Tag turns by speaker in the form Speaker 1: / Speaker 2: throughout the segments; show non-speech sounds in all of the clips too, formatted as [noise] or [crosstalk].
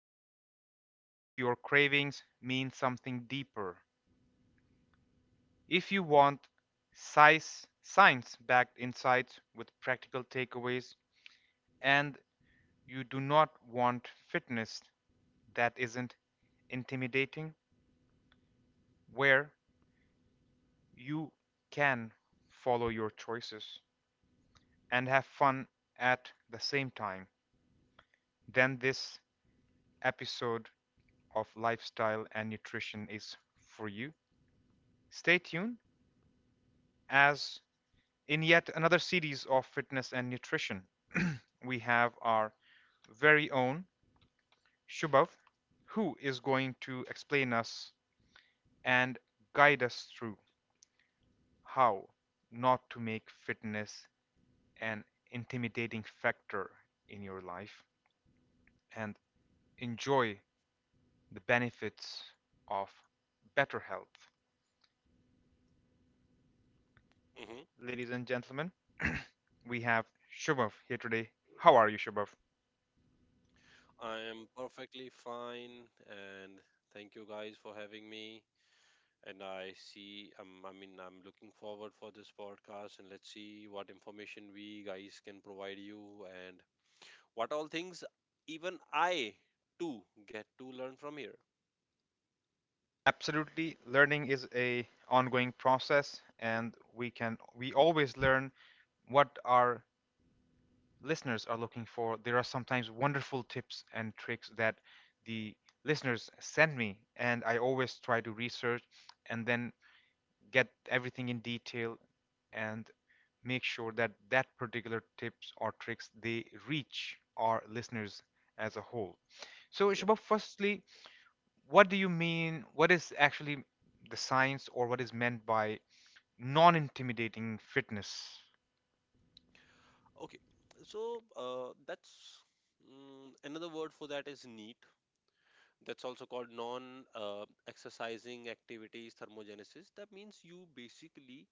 Speaker 1: wondered if your cravings mean something deeper? If you want science backed insights with practical takeaways, and you do not want fitness that isn't intimidating, where you can follow your choices and have fun at the same time, then this episode of Lifestyle and Nutrition is for you. Stay tuned as in yet another series of fitness and nutrition, we have our very own Shubhav, who is going to explain us and guide us through how not to make fitness an intimidating factor in your life and enjoy the benefits of better health,
Speaker 2: Hmm.
Speaker 1: ladies and gentlemen. [clears throat] We have Shubhav here today. How are you, Shubhav?
Speaker 2: I am perfectly fine, and thank you guys for having me. And I see, I mean, I'm looking forward for this podcast, and let's see what information we guys can provide you, and what all things even I too get to learn from here.
Speaker 1: Absolutely, learning is a ongoing process,
Speaker 2: Mhm.
Speaker 1: and we always learn what our listeners are looking for. There are sometimes wonderful tips and tricks that the listeners send me, and I always try to research and then get everything in detail and make sure that that particular tips or tricks they reach our listeners as a whole. So,
Speaker 2: Yeah.
Speaker 1: Shubha, firstly, what do you mean? What is actually the science or what is meant by non-intimidating fitness?
Speaker 2: Okay. So that's another word for that is neat. That's also called non exercising activities thermogenesis. That means you basically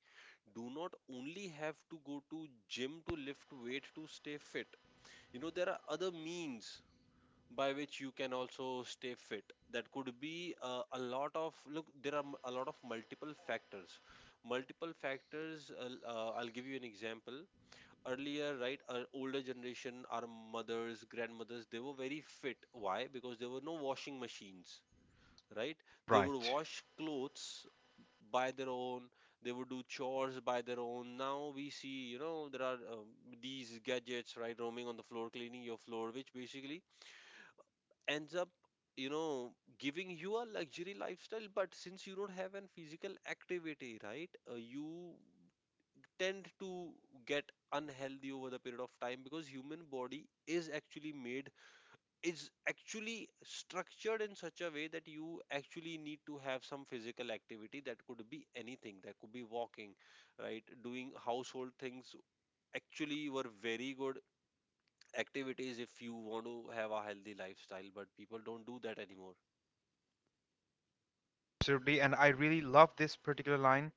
Speaker 2: do not only have to go to gym to lift weight to stay fit. You know, there are other means by which you can also stay fit. That could be a lot of, look, there are a lot of multiple factors. Multiple factors, I'll give you an example. Earlier, right, our older generation, our mothers, grandmothers, they were very fit. Why? Because there were no washing machines, right? They would
Speaker 1: Right.
Speaker 2: wash clothes by their own, they would do chores by their own. Now we see, you know, there are these gadgets, right, roaming on the floor cleaning your floor, which basically ends up, you know, giving you a luxury lifestyle. But since you don't have an physical activity, right, you tend to get unhealthy over the period of time, because human body is actually structured in such a way that you actually need to have some physical activity. That could be anything. That could be walking, right, doing household things. Actually were very good activities if you want to have a healthy lifestyle, but people don't do that anymore.
Speaker 1: Absolutely, and I really love this particular line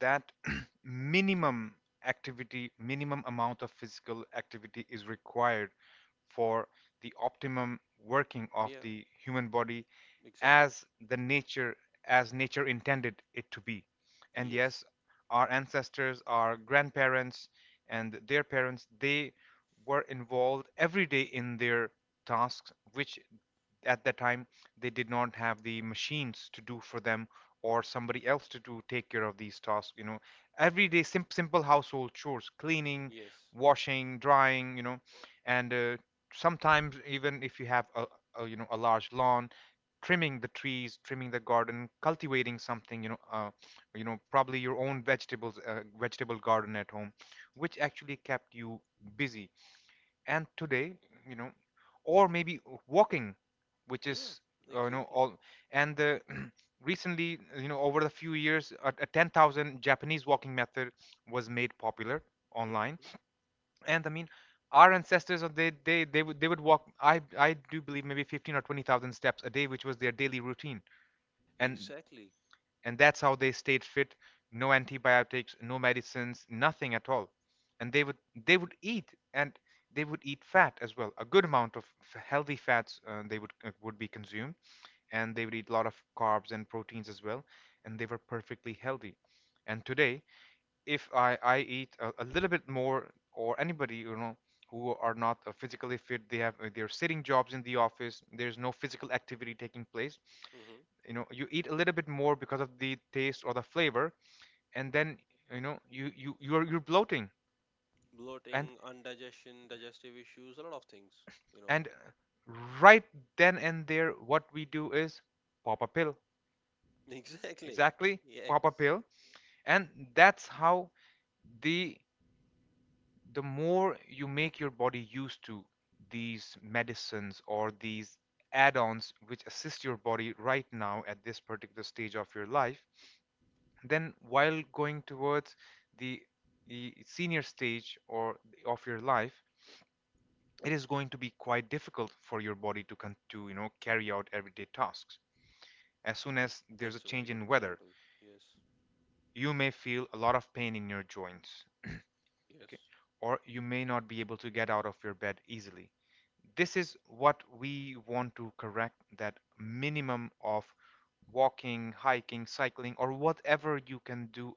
Speaker 1: that [clears throat] minimum activity, minimum amount of physical activity is required for the optimum working of
Speaker 2: Yeah,
Speaker 1: the human body,
Speaker 2: exactly.
Speaker 1: as the nature as nature intended it to be. And
Speaker 2: Yes.
Speaker 1: yes, our ancestors, our grandparents and their parents, they were involved every day in their tasks which at that time they did not have the machines to do for them or somebody else to do take care of these tasks, you know, everyday simple household chores, cleaning,
Speaker 2: Yes.
Speaker 1: washing, drying, you know, and sometimes even if you have a you know a large lawn, trimming the trees, trimming the garden, cultivating something, you know, you know probably your own vegetable garden at home, which actually kept you busy. And today, you know, or maybe walking, which
Speaker 2: Yeah,
Speaker 1: is you know
Speaker 2: exactly.
Speaker 1: all. And the [clears throat] recently, you know, over the few years, a 10,000 japanese walking method was made popular online.
Speaker 2: Hmm.
Speaker 1: And I mean, our ancestors, uh, they would walk, I do believe maybe 15 or 20,000 steps a day, which was their daily routine, and
Speaker 2: Exactly.
Speaker 1: and that's how they stayed fit. No antibiotics, no medicines, nothing at all. And they would eat, and they would eat fat as well. A good amount of healthy fats they would be consumed, and they would eat a lot of carbs and proteins as well, and they were perfectly healthy. And today, if I eat a little bit more, or anybody, you know, who are not physically fit, they have they're sitting jobs in the office, there's no physical activity taking place,
Speaker 2: hmm
Speaker 1: you know, you eat a little bit more because of the taste or the flavor, and then you know you're bloating. and
Speaker 2: Bloating, indigestion, digestive issues, a lot of things, you know
Speaker 1: and right then and there what we do is pop a pill.
Speaker 2: [laughs] exactly.
Speaker 1: Exactly,
Speaker 2: Yes.
Speaker 1: pop a pill. And that's how the the more you make your body used to these medicines or these add-ons which assist your body right now at this particular stage of your life, then while going towards the, the senior stage or of your life, it is going to be quite difficult for your body to to you know carry out everyday tasks. As soon as there's a
Speaker 2: That's a very
Speaker 1: change
Speaker 2: good
Speaker 1: in weather,
Speaker 2: example. Yes.
Speaker 1: you may feel a lot of pain in your joints. Okay,
Speaker 2: Yes.
Speaker 1: or you may not be able to get out of your bed easily. This is what we want to correct: that minimum of walking, hiking, cycling or whatever you can do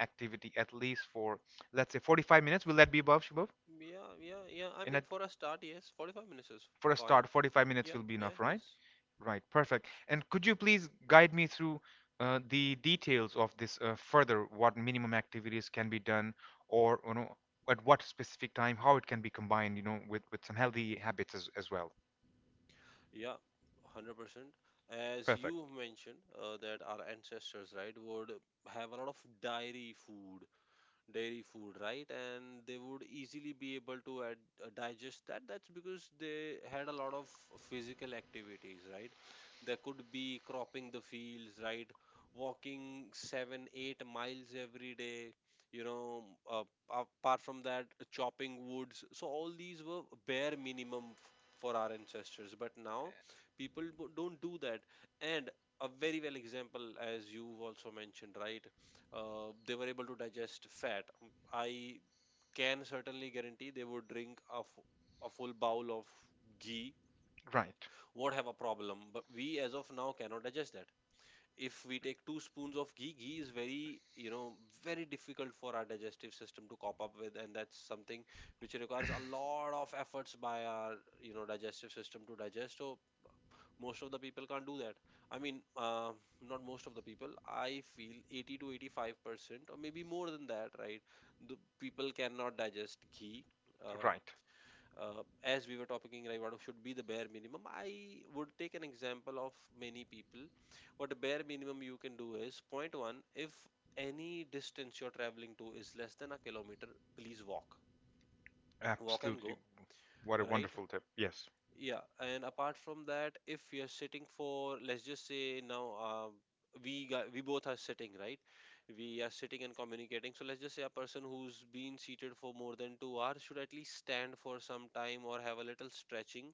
Speaker 1: activity at least for, let's say, 45 minutes. Will that be above, Shubhav?
Speaker 2: Yeah, yeah, yeah. I
Speaker 1: And
Speaker 2: mean,
Speaker 1: at,
Speaker 2: for a start, yes, 45 minutes is
Speaker 1: for a
Speaker 2: fine.
Speaker 1: start, 45 minutes
Speaker 2: Yeah,
Speaker 1: will be
Speaker 2: yeah,
Speaker 1: enough, right?
Speaker 2: yes.
Speaker 1: Right, perfect. And could you please guide me through the details of this further, what minimum activities can be done, or you know, at what specific time, how it can be combined, you know, with some healthy habits as well.
Speaker 2: Yeah, 100%. As
Speaker 1: Perfect.
Speaker 2: you mentioned, that our ancestors, right, would have a lot of dairy food, right? And they would easily be able to digest that. That's because they had a lot of physical activities, right? They could be cropping the fields, right? Walking 7, 8 miles every day, you know, uh, apart from that, chopping woods. So, all these were bare minimum for our ancestors. But now, people don't do that. And a very well example, as you've also mentioned, right? They were able to digest fat. I can certainly guarantee they would drink a full bowl of ghee,
Speaker 1: Right,
Speaker 2: won't have a problem. But we, as of now, cannot digest that. If we take two spoons of ghee, ghee is very, very difficult for our digestive system to cop up with, and that's something which requires a lot of efforts by our, digestive system to digest. So most of the people can't do that, I mean, not most of the people. I feel 80 to 85% or maybe more than that, right? The people cannot digest ghee. uh,
Speaker 1: right.
Speaker 2: as we were talking, right, what should be the bare minimum? I would take an example of many people. What the bare minimum you can do is, point one, if any distance you're traveling to is less than a kilometer, please walk. Walk and
Speaker 1: Absolutely.
Speaker 2: go,
Speaker 1: What a
Speaker 2: right?
Speaker 1: wonderful tip. Yes.
Speaker 2: Yeah, and apart from that, if you're sitting for, let's just say now, we both are sitting, right? We are sitting and communicating. So let's just say a person who's been seated for more than 2 hours should at least stand for some time or have a little stretching.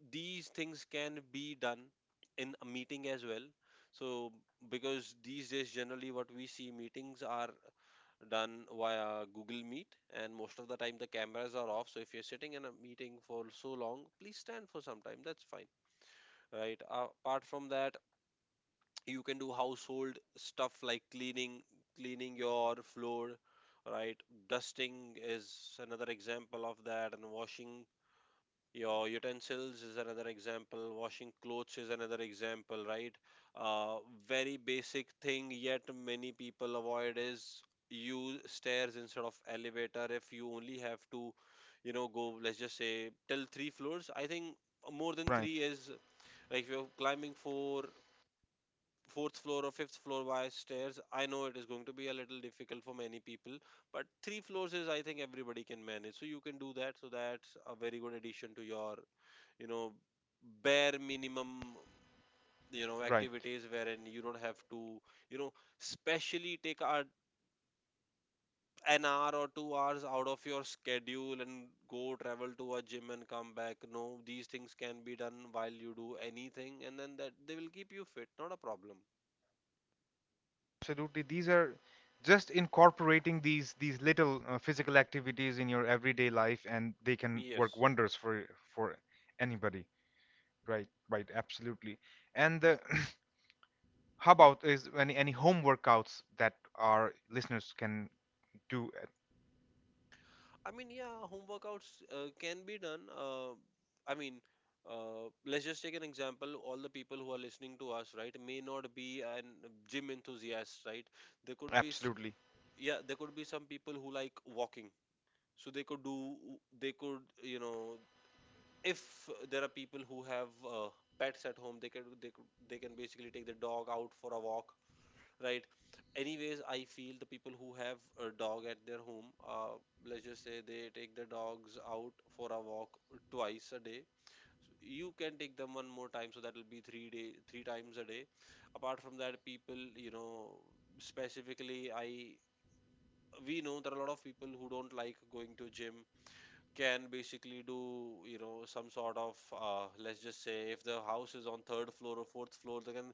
Speaker 2: These things can be done in a meeting as well. So because these days generally what we see meetings are done via Google Meet, and most of the time the cameras are off. So if you're sitting in a meeting for so long, please stand for some time. That's fine, right? Apart from that, you can do household stuff like cleaning your floor, right? Dusting is another example of that, and washing your utensils is another example. Washing clothes is another example, right? Uh, Very basic thing, yet many people avoid is use stairs instead of elevator. If you only have to, go, let's just say, till three floors, I think more than
Speaker 1: Right,
Speaker 2: three is, like, if you're climbing fourth floor or fifth floor by stairs. I know it is going to be a little difficult for many people, but three floors is, I think, everybody can manage. So you can do that. So that's a very good addition to your you know bare minimum
Speaker 1: right.
Speaker 2: activities, wherein you don't have to you know specially take an hour or 2 hours out of your schedule and go travel to a gym and come back. No, these things can be done while you do anything, and then that they will keep you fit. Not a problem.
Speaker 1: Absolutely, these are just incorporating these little physical activities in your everyday life, and they can work
Speaker 2: Yes.
Speaker 1: wonders for anybody. Right, right, absolutely. And [clears throat] how about is any home workouts that our listeners can do?
Speaker 2: I mean, yeah, home workouts can be done. I mean, let's just take an example. All the people who are listening to us, right, may not be an gym enthusiast, right? There could be, s-
Speaker 1: Absolutely,
Speaker 2: Yeah, there could be some people who like walking, so they could do, they could, if there are people who have pets at home, they can basically take the dog out for a walk, right? Anyways, I feel the people who have a dog at their home, let's just say they take their dogs out for a walk twice a day. So you can take them one more time, so that will be three times a day. Apart from that, people, you know specifically, I we know there are a lot of people who don't like going to gym, can basically do, some sort of, let's just say if the house is on third floor or fourth floor, they can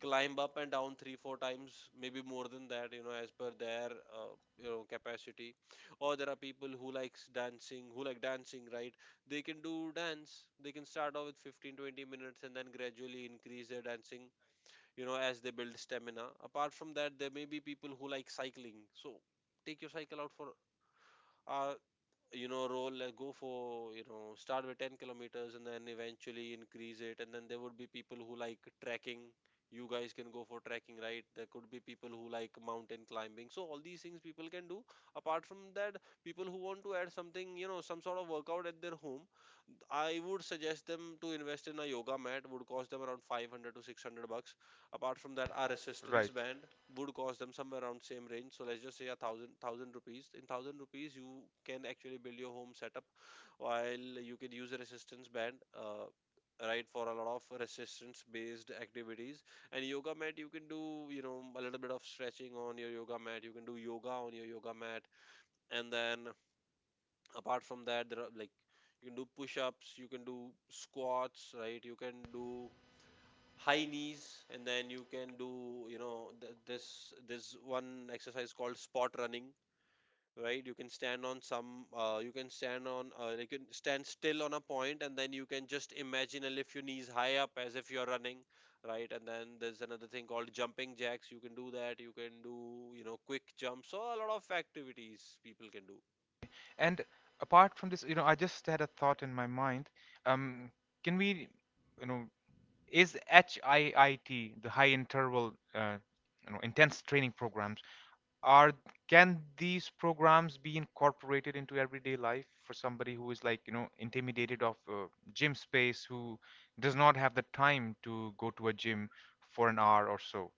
Speaker 2: climb up and down 3, 4 times, maybe more than that, as per their capacity. Or there are people who like dancing, right? They can do dance. They can start off with 15-20 minutes and then gradually increase their dancing, as they build stamina. Apart from that, there may be people who like cycling, so take your cycle out for, uh, roll, like, go for, start with 10 kilometers and then eventually increase it. And then there would be people who like trekking. You guys can go for trekking, right? There could be people who like mountain climbing. So all these things people can do. Apart from that, people who want to add something, some sort of workout at their home, I would suggest them to invest in a yoga mat, would cost them around 500 to 600 bucks. Apart from that, our resistance
Speaker 1: right.
Speaker 2: band would cost them somewhere around same range. So let's just say a thousand rupees. In thousand rupees, you can actually build your home setup while you can use a resistance band. Right, for a lot of resistance based activities, and yoga mat you can do, a little bit of stretching on your yoga mat, you can do yoga on your yoga mat. And then, apart from that, there are, like, you can do push-ups, you can do squats, right? You can do high knees, and then you can do, this one exercise called spot running, right? You can stand still on a point, and then you can just imagine and lift your knees high up as if you're running, right? And then there's another thing called jumping jacks, you can do that. You can do, quick jumps. So a lot of activities people can do.
Speaker 1: And apart from this, you know, I just had a thought in my mind. Um, can we, you know, is HIIT, the high interval, you know, intense training programs, are can these programs be incorporated into everyday life for somebody who is like, you know, intimidated of gym space, who does not have the time to go to a gym for an hour or so?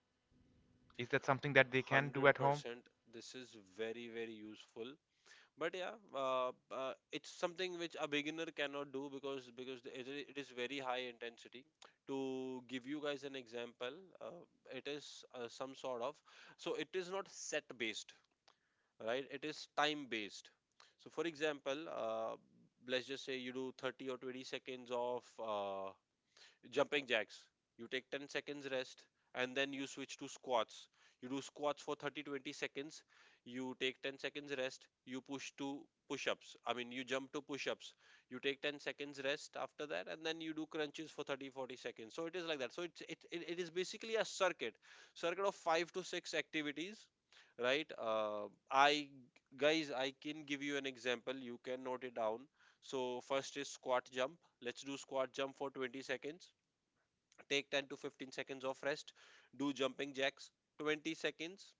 Speaker 1: Is that something that they can do at home?
Speaker 2: 100%. This is very very useful, but yeah, it's something which a beginner cannot do, because it is very high intensity. To give you guys an example, it is, some sort of, so it is not set based, right? It is time based. So for example, let's just say you do 30 or 20 seconds of jumping jacks. You take 10 seconds rest, and then you switch to squats. You do squats for 30 20 seconds. You take 10 seconds rest. You push to push-ups I mean you jump to push-ups. You take 10 seconds rest after that, and then you do crunches for 30 40 seconds. So it is like that. So it is basically a circuit of five to six activities, right? I Guys, I can give you an example, you can note it down. So first is squat jump. Let's do squat jump for 20 seconds. Take 10 to 15 seconds of rest. Do jumping jacks 20 seconds.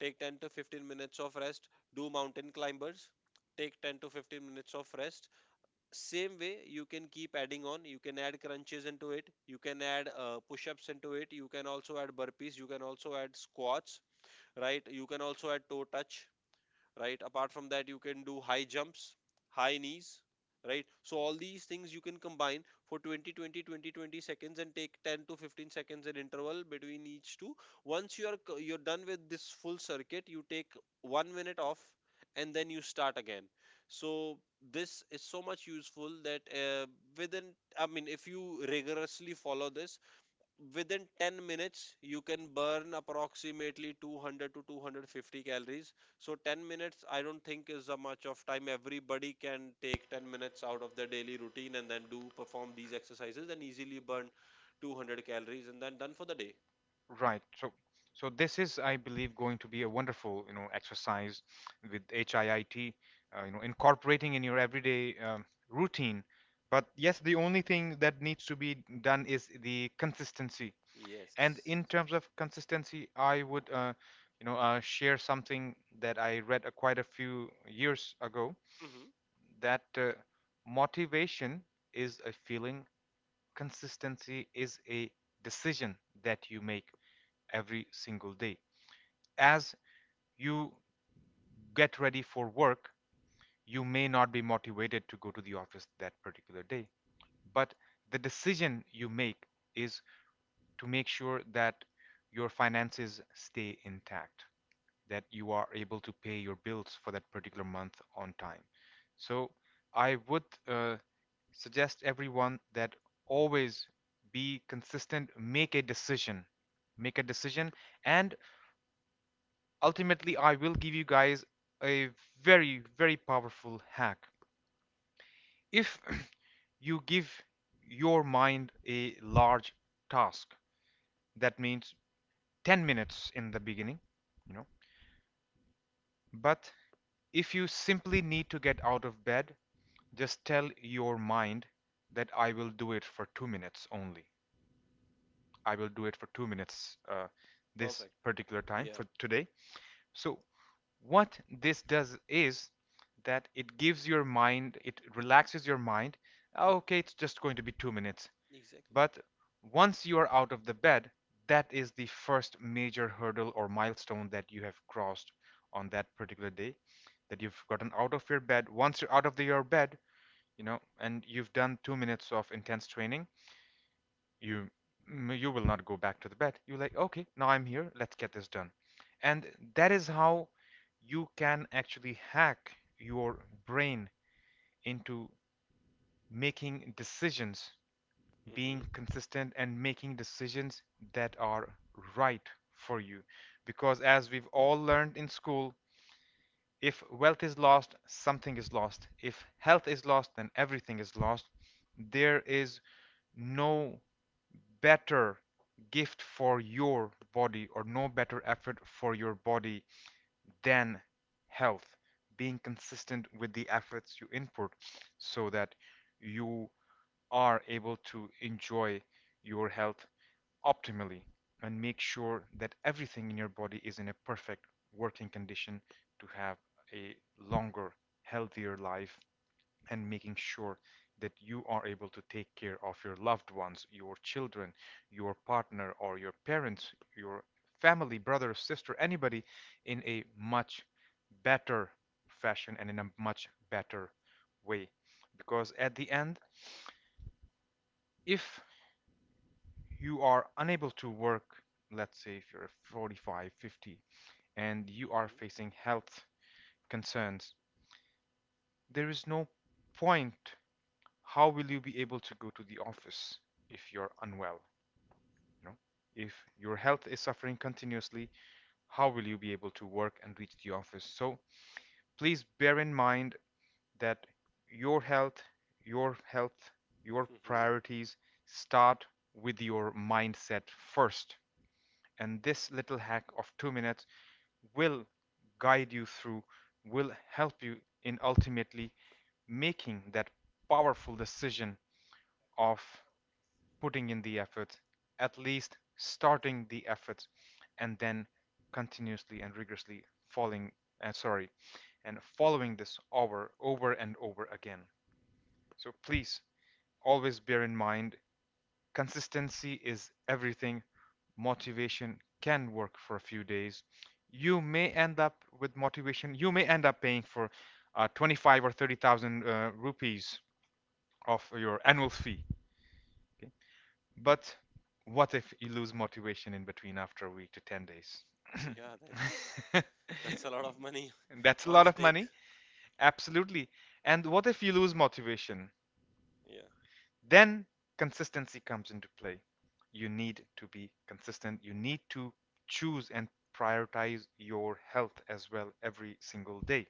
Speaker 2: Take 10 to 15 minutes of rest. Do mountain climbers. Take 10 to 15 minutes of rest. Same way, you can keep adding on. You can add crunches into it. You can add push-ups into it. You can also add burpees. You can also add squats. Right, you can also add toe touch. Right, apart from that, you can do high jumps, high knees. Right, so all these things you can combine for 20, 20, 20, 20 seconds, and take 10 to 15 seconds in interval between each two. Once you are you're done with this full circuit, you take 1 minute off and then you start again. So this is so much useful that within, I mean, if you rigorously follow this, within 10 minutes you can burn approximately 200 to 250 calories. So 10 minutes I don't think is a much of time. Everybody can take 10 minutes out of their daily routine and then do perform these exercises and easily burn 200 calories and then done for the day.
Speaker 1: Right. So, so this is, I believe, going to be a wonderful, you know, exercise with HIIT, you know, incorporating in your everyday routine. But yes, the only thing that needs to be done is the consistency. And
Speaker 2: Yes.
Speaker 1: in terms of consistency, I would, you know, share something that I read quite a few years ago,
Speaker 2: Mm-hmm.
Speaker 1: that motivation is a feeling, consistency is a decision that you make every single day. As you get ready for work, you may not be motivated to go to the office that particular day, but the decision you make is to make sure that your finances stay intact, that you are able to pay your bills for that particular month on time. So I would suggest everyone that always be consistent, make a decision, and ultimately, I will give you guys a very, very powerful hack. If [clears throat] you give your mind a large task, that means 10 minutes in the beginning, you know, but if you simply need to get out of bed, just tell your mind that I will do it for 2 minutes only. I will do it for 2 minutes this
Speaker 2: Perfect.
Speaker 1: particular time
Speaker 2: Yeah.
Speaker 1: for today. So, what this does is that it gives your mind, it relaxes your mind. "Oh, okay, it's just going to be 2 minutes."
Speaker 2: Exactly.
Speaker 1: But once you are out of the bed, that is the first major hurdle or milestone that you have crossed on that particular day. That you've gotten out of your bed. Once you're out of your bed, you know, and you've done 2 minutes of intense training, you you will not go back to the bed. You're like, okay, now I'm here. Let's get this done. And that is how you can actually hack your brain into making decisions, being
Speaker 2: Mm-hmm.
Speaker 1: consistent and making decisions that are right for you. Because as we've all learned in school, if wealth is lost, something is lost. If health is lost, then everything is lost. There is no better gift for your body or no better effort for your body than health, being consistent with the efforts you input, so that you are able to enjoy your health optimally and make sure that everything in your body is in a perfect working condition, to have a longer, healthier life and making sure that you are able to take care of your loved ones, your children, your partner, or your parents, your family, brother, sister, anybody in a much better fashion and in a much better way. Because at the end, if you are unable to work, let's say if you're 45, 50, and you are
Speaker 2: Mm-hmm.
Speaker 1: facing health concerns, there is no point. How will you be able to go to the office if you're unwell? You know, if your health is suffering continuously, how will you be able to work and reach the office? So please bear in mind that your health, your health, your
Speaker 2: Mm-hmm.
Speaker 1: priorities start with your mindset first. And this little hack of 2 minutes will guide you through, will help you in ultimately making that powerful decision of putting in the effort, at least starting the effort, and then continuously and rigorously following, sorry, and following this over, over and over again. So please always bear in mind, consistency is everything. Motivation can work for a few days. You may end up with motivation. You may end up paying for 25 or 30,000 rupees of your annual fee. But what if you lose motivation in between after a week to 10 days? [laughs]
Speaker 2: Yeah, that's a lot of money. [laughs]
Speaker 1: That's a
Speaker 2: On
Speaker 1: lot of
Speaker 2: stake.
Speaker 1: money. Absolutely. And what if you lose motivation?
Speaker 2: Yeah.
Speaker 1: Then consistency comes into play. You need to be consistent. You need to choose and prioritize your health as well every single day.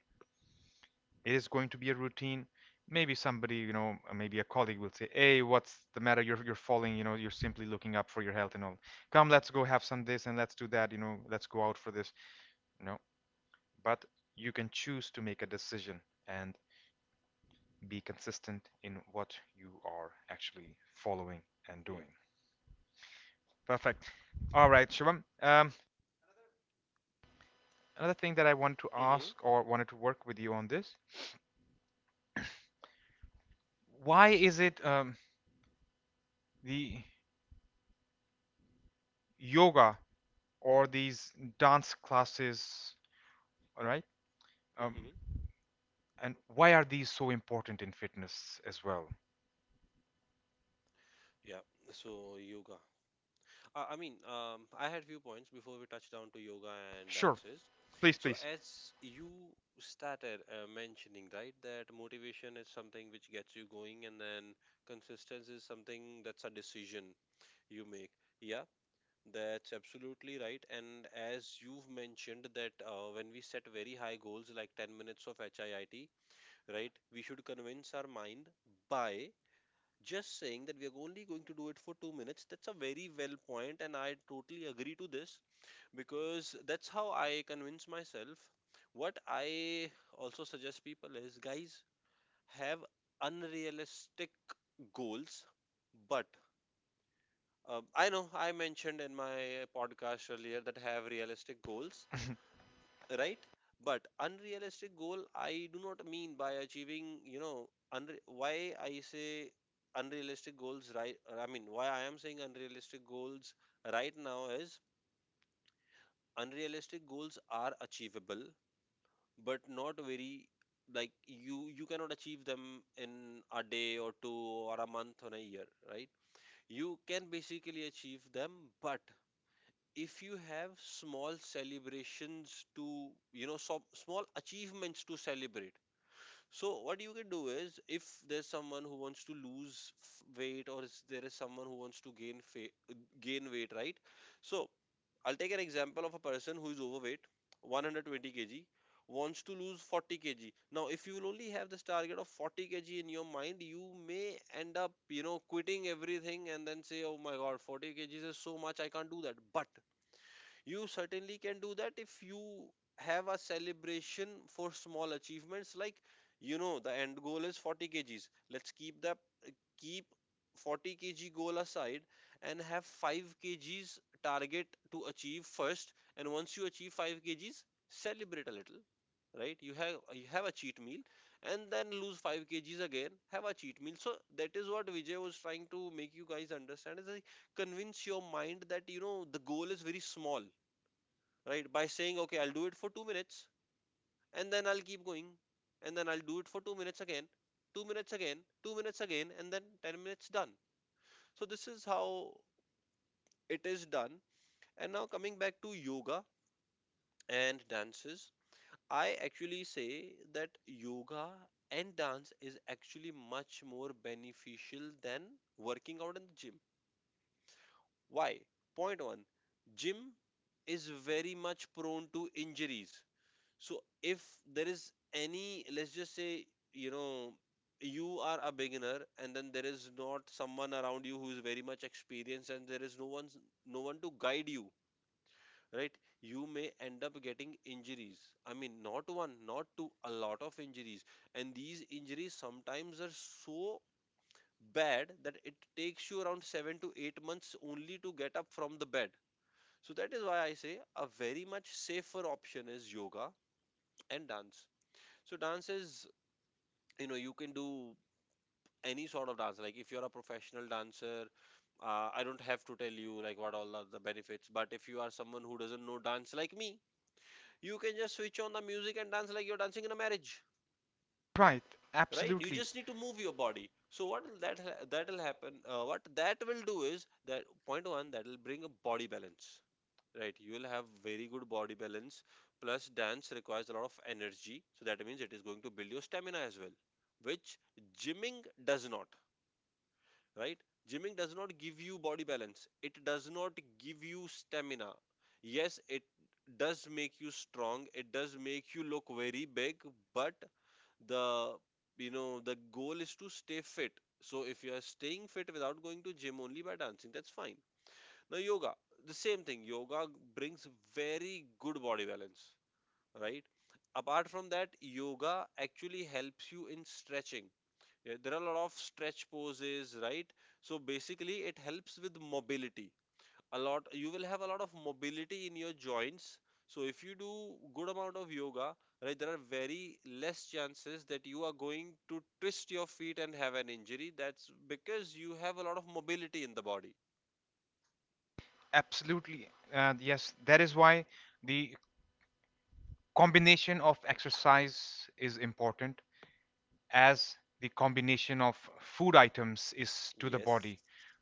Speaker 1: It is going to be a routine. Maybe somebody, you know, maybe a colleague will say, "Hey, what's the matter? You're falling, you know, you're simply looking up for your health and all. Come, let's go have some this and let's do that, you know, let's go out for this." You know, but you can choose to make a decision and be consistent in what you are actually following and
Speaker 2: Yeah.
Speaker 1: doing. Perfect. All right, Shivam. Another thing that I wanted to
Speaker 2: Mm-hmm.
Speaker 1: ask or wanted to work with you on this, [clears throat] why is it the yoga or these dance classes, all right? Um,
Speaker 2: Mm-hmm.
Speaker 1: and why are these so important in fitness as well?
Speaker 2: Yeah, so yoga. I mean, I had few points before we touch down to yoga and
Speaker 1: Sure,
Speaker 2: dances.
Speaker 1: please,
Speaker 2: So
Speaker 1: please.
Speaker 2: as you started mentioning, right, that motivation is something which gets you going, and then consistency is something that's a decision you make. Yeah, that's absolutely right. And as you've mentioned that when we set very high goals like 10 minutes of HIIT, right, we should convince our mind by just saying that we are only going to do it for 2 minutes. That's a very well point, and I totally agree to this, because that's how I convince myself. What I also suggest people is, guys, have unrealistic goals. But I know I mentioned in my podcast earlier that have realistic goals, right? But unrealistic goal I do not mean by achieving, you know, why I say unrealistic goals, right? I mean, why I am saying unrealistic goals right now is, unrealistic goals are achievable, but not very, like you cannot achieve them in a day or two, or a month or a year, right? You can basically achieve them, but if you have small celebrations, to you know, some small achievements to celebrate. So what you can do is, if there's someone who wants to weight, or is there is someone who wants to gain gain weight, right? So I'll take an example of a person who is overweight, 120 kg, wants to lose 40 kg. Now if you will only have this target of 40 kg in your mind, you may end up, you know, quitting everything, and then say, oh my god, 40 kgs is so much, I can't do that. But you certainly can do that if you have a celebration for small achievements, like, you know, the end goal is 40 kgs. Let's keep that, keep 40 kg goal aside, and have 5 kgs target to achieve first. And once you achieve 5 kgs, celebrate a little, right? You have a cheat meal, and then lose 5 kgs again, have a cheat meal. So that is what Vijay was trying to make you guys understand, is like, convince your mind that, you know, the goal is very small, right? By saying, okay, I'll do it for 2 minutes, and then I'll keep going, and then I'll do it for 2 minutes again, 2 minutes again, 2 minutes again, and then 10 minutes done. So this is how it is done. And now coming back to yoga and dances, I actually say that yoga and dance is actually much more beneficial than working out in the gym. Why? Point 1, gym is very much prone to injuries. So if there is any, let's just say, you know, you are a beginner, and then there is not someone around you who is very much experienced, and there is no one, no one to guide you, right? You may end up getting injuries. I mean, not one, not two, a lot of injuries. And these injuries sometimes are so bad that it takes you around 7 to 8 months only to get up from the bed. So that is why I say a very much safer option is yoga and dance. So dance is, you know, you can do any sort of dance. Like if you're a professional dancer, I don't have to tell you like what all are the benefits. But if you are someone who doesn't know dance like me, you can just switch on the music and dance like you're dancing in a marriage,
Speaker 1: Right,
Speaker 2: right? You
Speaker 1: absolutely,
Speaker 2: just need to move your body. So what will that'll happen? What that will do is that, point one, that'll bring a body balance. Right, you will have very good body balance. Plus, dance requires a lot of energy, so that means it is going to build your stamina as well, which gymming does not. Right? Gymming does not give you body balance. It does not give you stamina. Yes, it does make you strong. It does make you look very big, but the, you know, the goal is to stay fit. So if you are staying fit without going to gym only by dancing, that's fine. Now, yoga, the same thing. Yoga brings very good body balance, right? Apart from that, yoga actually helps you in stretching. Yeah, there are a lot of stretch poses, right? So basically, it helps with mobility. A lot, you will have a lot of mobility in your joints. So if you do good amount of yoga, right, there are very less chances that you are going to twist your feet and have an injury. That's because you have a lot of mobility in the body.
Speaker 1: absolutely. And yes, that is why the combination of exercise is important, as the combination of food items is to the
Speaker 2: Yes.
Speaker 1: body.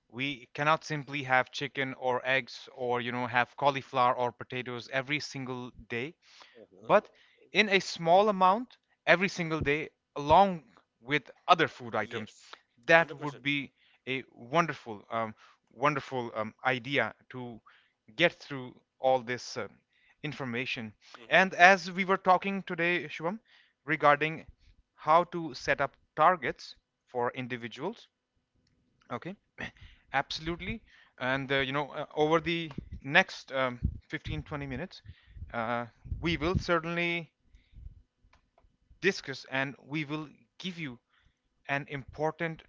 Speaker 1: We cannot simply have chicken or eggs or, you know, have cauliflower or potatoes every single day, but in a small amount every single day along with other food items.
Speaker 2: Yes.
Speaker 1: That would
Speaker 2: 100%.
Speaker 1: be a wonderful, wonderful idea to get through all this information.
Speaker 2: Mm-hmm.
Speaker 1: And as we were talking today, Shubham, regarding how to set up targets for individuals, okay, [coughs] [laughs] absolutely. And you know, over the next 15 to 20 minutes, uh, we will certainly discuss and we will give you an important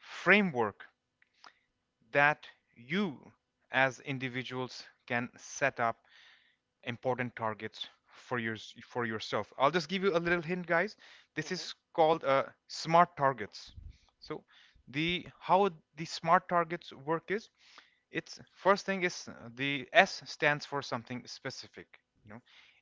Speaker 1: framework that you as individuals can set up important targets for your for yourself. I'll just give you a little hint, guys. This
Speaker 2: Mm-hmm.
Speaker 1: is called smart targets. So the how the smart targets work is, it's first thing is the S stands for something specific. You know,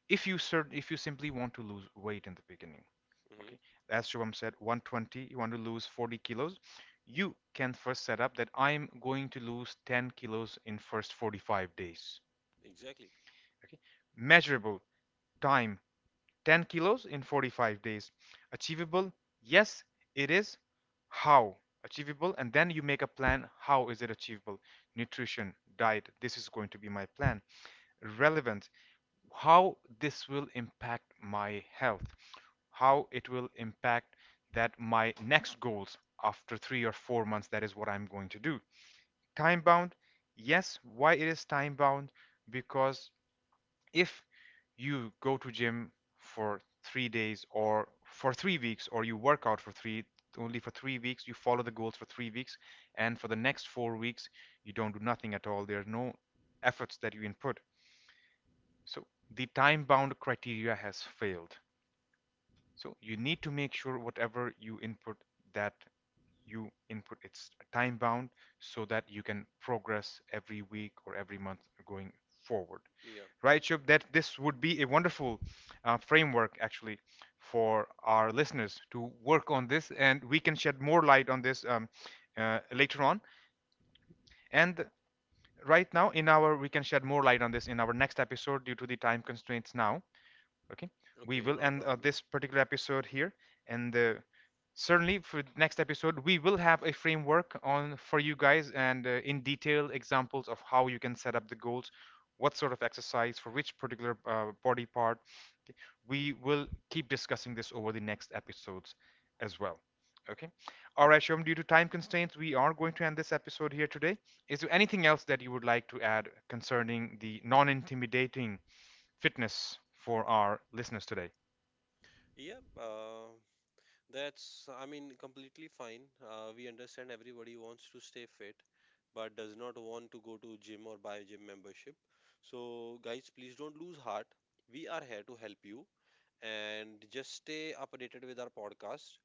Speaker 1: if you simply want to lose weight in the beginning,
Speaker 2: Mm-hmm.
Speaker 1: as Shubham said, 120, you want to lose 40 kilos, you can first set up that I'm going to lose 10 kilos in first 45 days.
Speaker 2: Exactly.
Speaker 1: Okay. Measurable time, 10 kilos in 45 days. Achievable? Yes, it is. How? Achievable, and then you make a plan. How is it achievable? Nutrition, diet. This is going to be my plan. Relevant, how this will impact my health, how it will impact that my next goals after three or four months, that is what I'm going to do. Time bound, yes. Why it is time bound? Because if you go to gym for three days or for three weeks, or you work out for three only for three weeks, you follow the goals for three weeks, and for the next four weeks, you don't do nothing at all. There are no efforts that you input. So the time-bound criteria has failed. So you need to make sure whatever you input that you input it's time-bound, so that you can progress every week or every month going forward.
Speaker 2: Yeah.
Speaker 1: Right, Shub? That this would be a wonderful framework actually for our listeners to work on this, and we can shed more light on this later on. And right now, in our we can shed more light on this in our next episode due to the time constraints now. Okay, we
Speaker 2: Okay,
Speaker 1: will
Speaker 2: not a
Speaker 1: end this
Speaker 2: problem.
Speaker 1: particular episode here, and certainly for the next episode we will have a framework on for you guys, and in detail examples of how you can set up the goals, what sort of exercise for which particular body part, okay? We will keep discussing this over the next episodes as well. Okay, all right, Shom, due to time constraints we are going to end this episode here today. Is there anything else that you would like to add concerning the non-intimidating fitness for our listeners today?
Speaker 2: Yeah. That's, I mean, completely fine. We understand everybody wants to stay fit, but does not want to go to gym or buy a gym membership. So, guys, please don't lose heart. We are here to help you, and just stay updated with our podcast.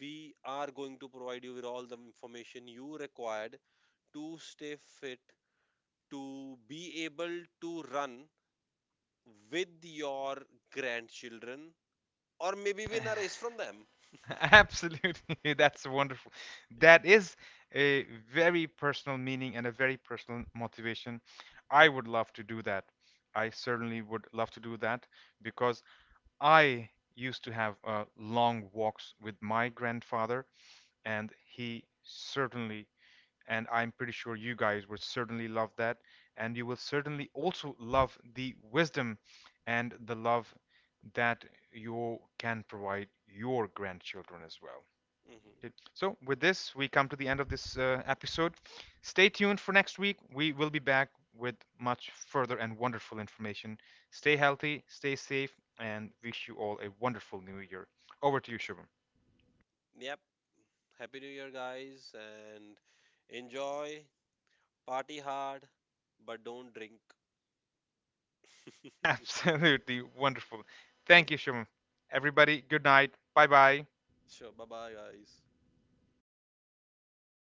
Speaker 2: We are going to provide you with all the information you required to stay fit, to be able to run with your grandchildren, or maybe win a race from them.
Speaker 1: [laughs] Absolutely, [laughs] that's wonderful. That is a very personal meaning and a very personal motivation. I would love to do that. I certainly would love to do that, because I used to have long walks with my grandfather, and he certainly, and I'm pretty sure you guys would certainly love that, and you will certainly also love the wisdom and the love that you can provide your grandchildren as well.
Speaker 2: Hmm.
Speaker 1: Okay. So, with this, we come to the end of this episode. Stay tuned for next week. We will be back with much further and wonderful information. Stay healthy, stay safe, and wish you all a wonderful new year. Over to you, Shubham.
Speaker 2: Yep. Happy New Year, guys, and enjoy, party hard, but don't drink.
Speaker 1: [laughs]
Speaker 2: [laughs]
Speaker 1: Absolutely wonderful. Thank you, Shubham. Everybody, good night. Bye bye.
Speaker 2: Sure, bye bye, guys.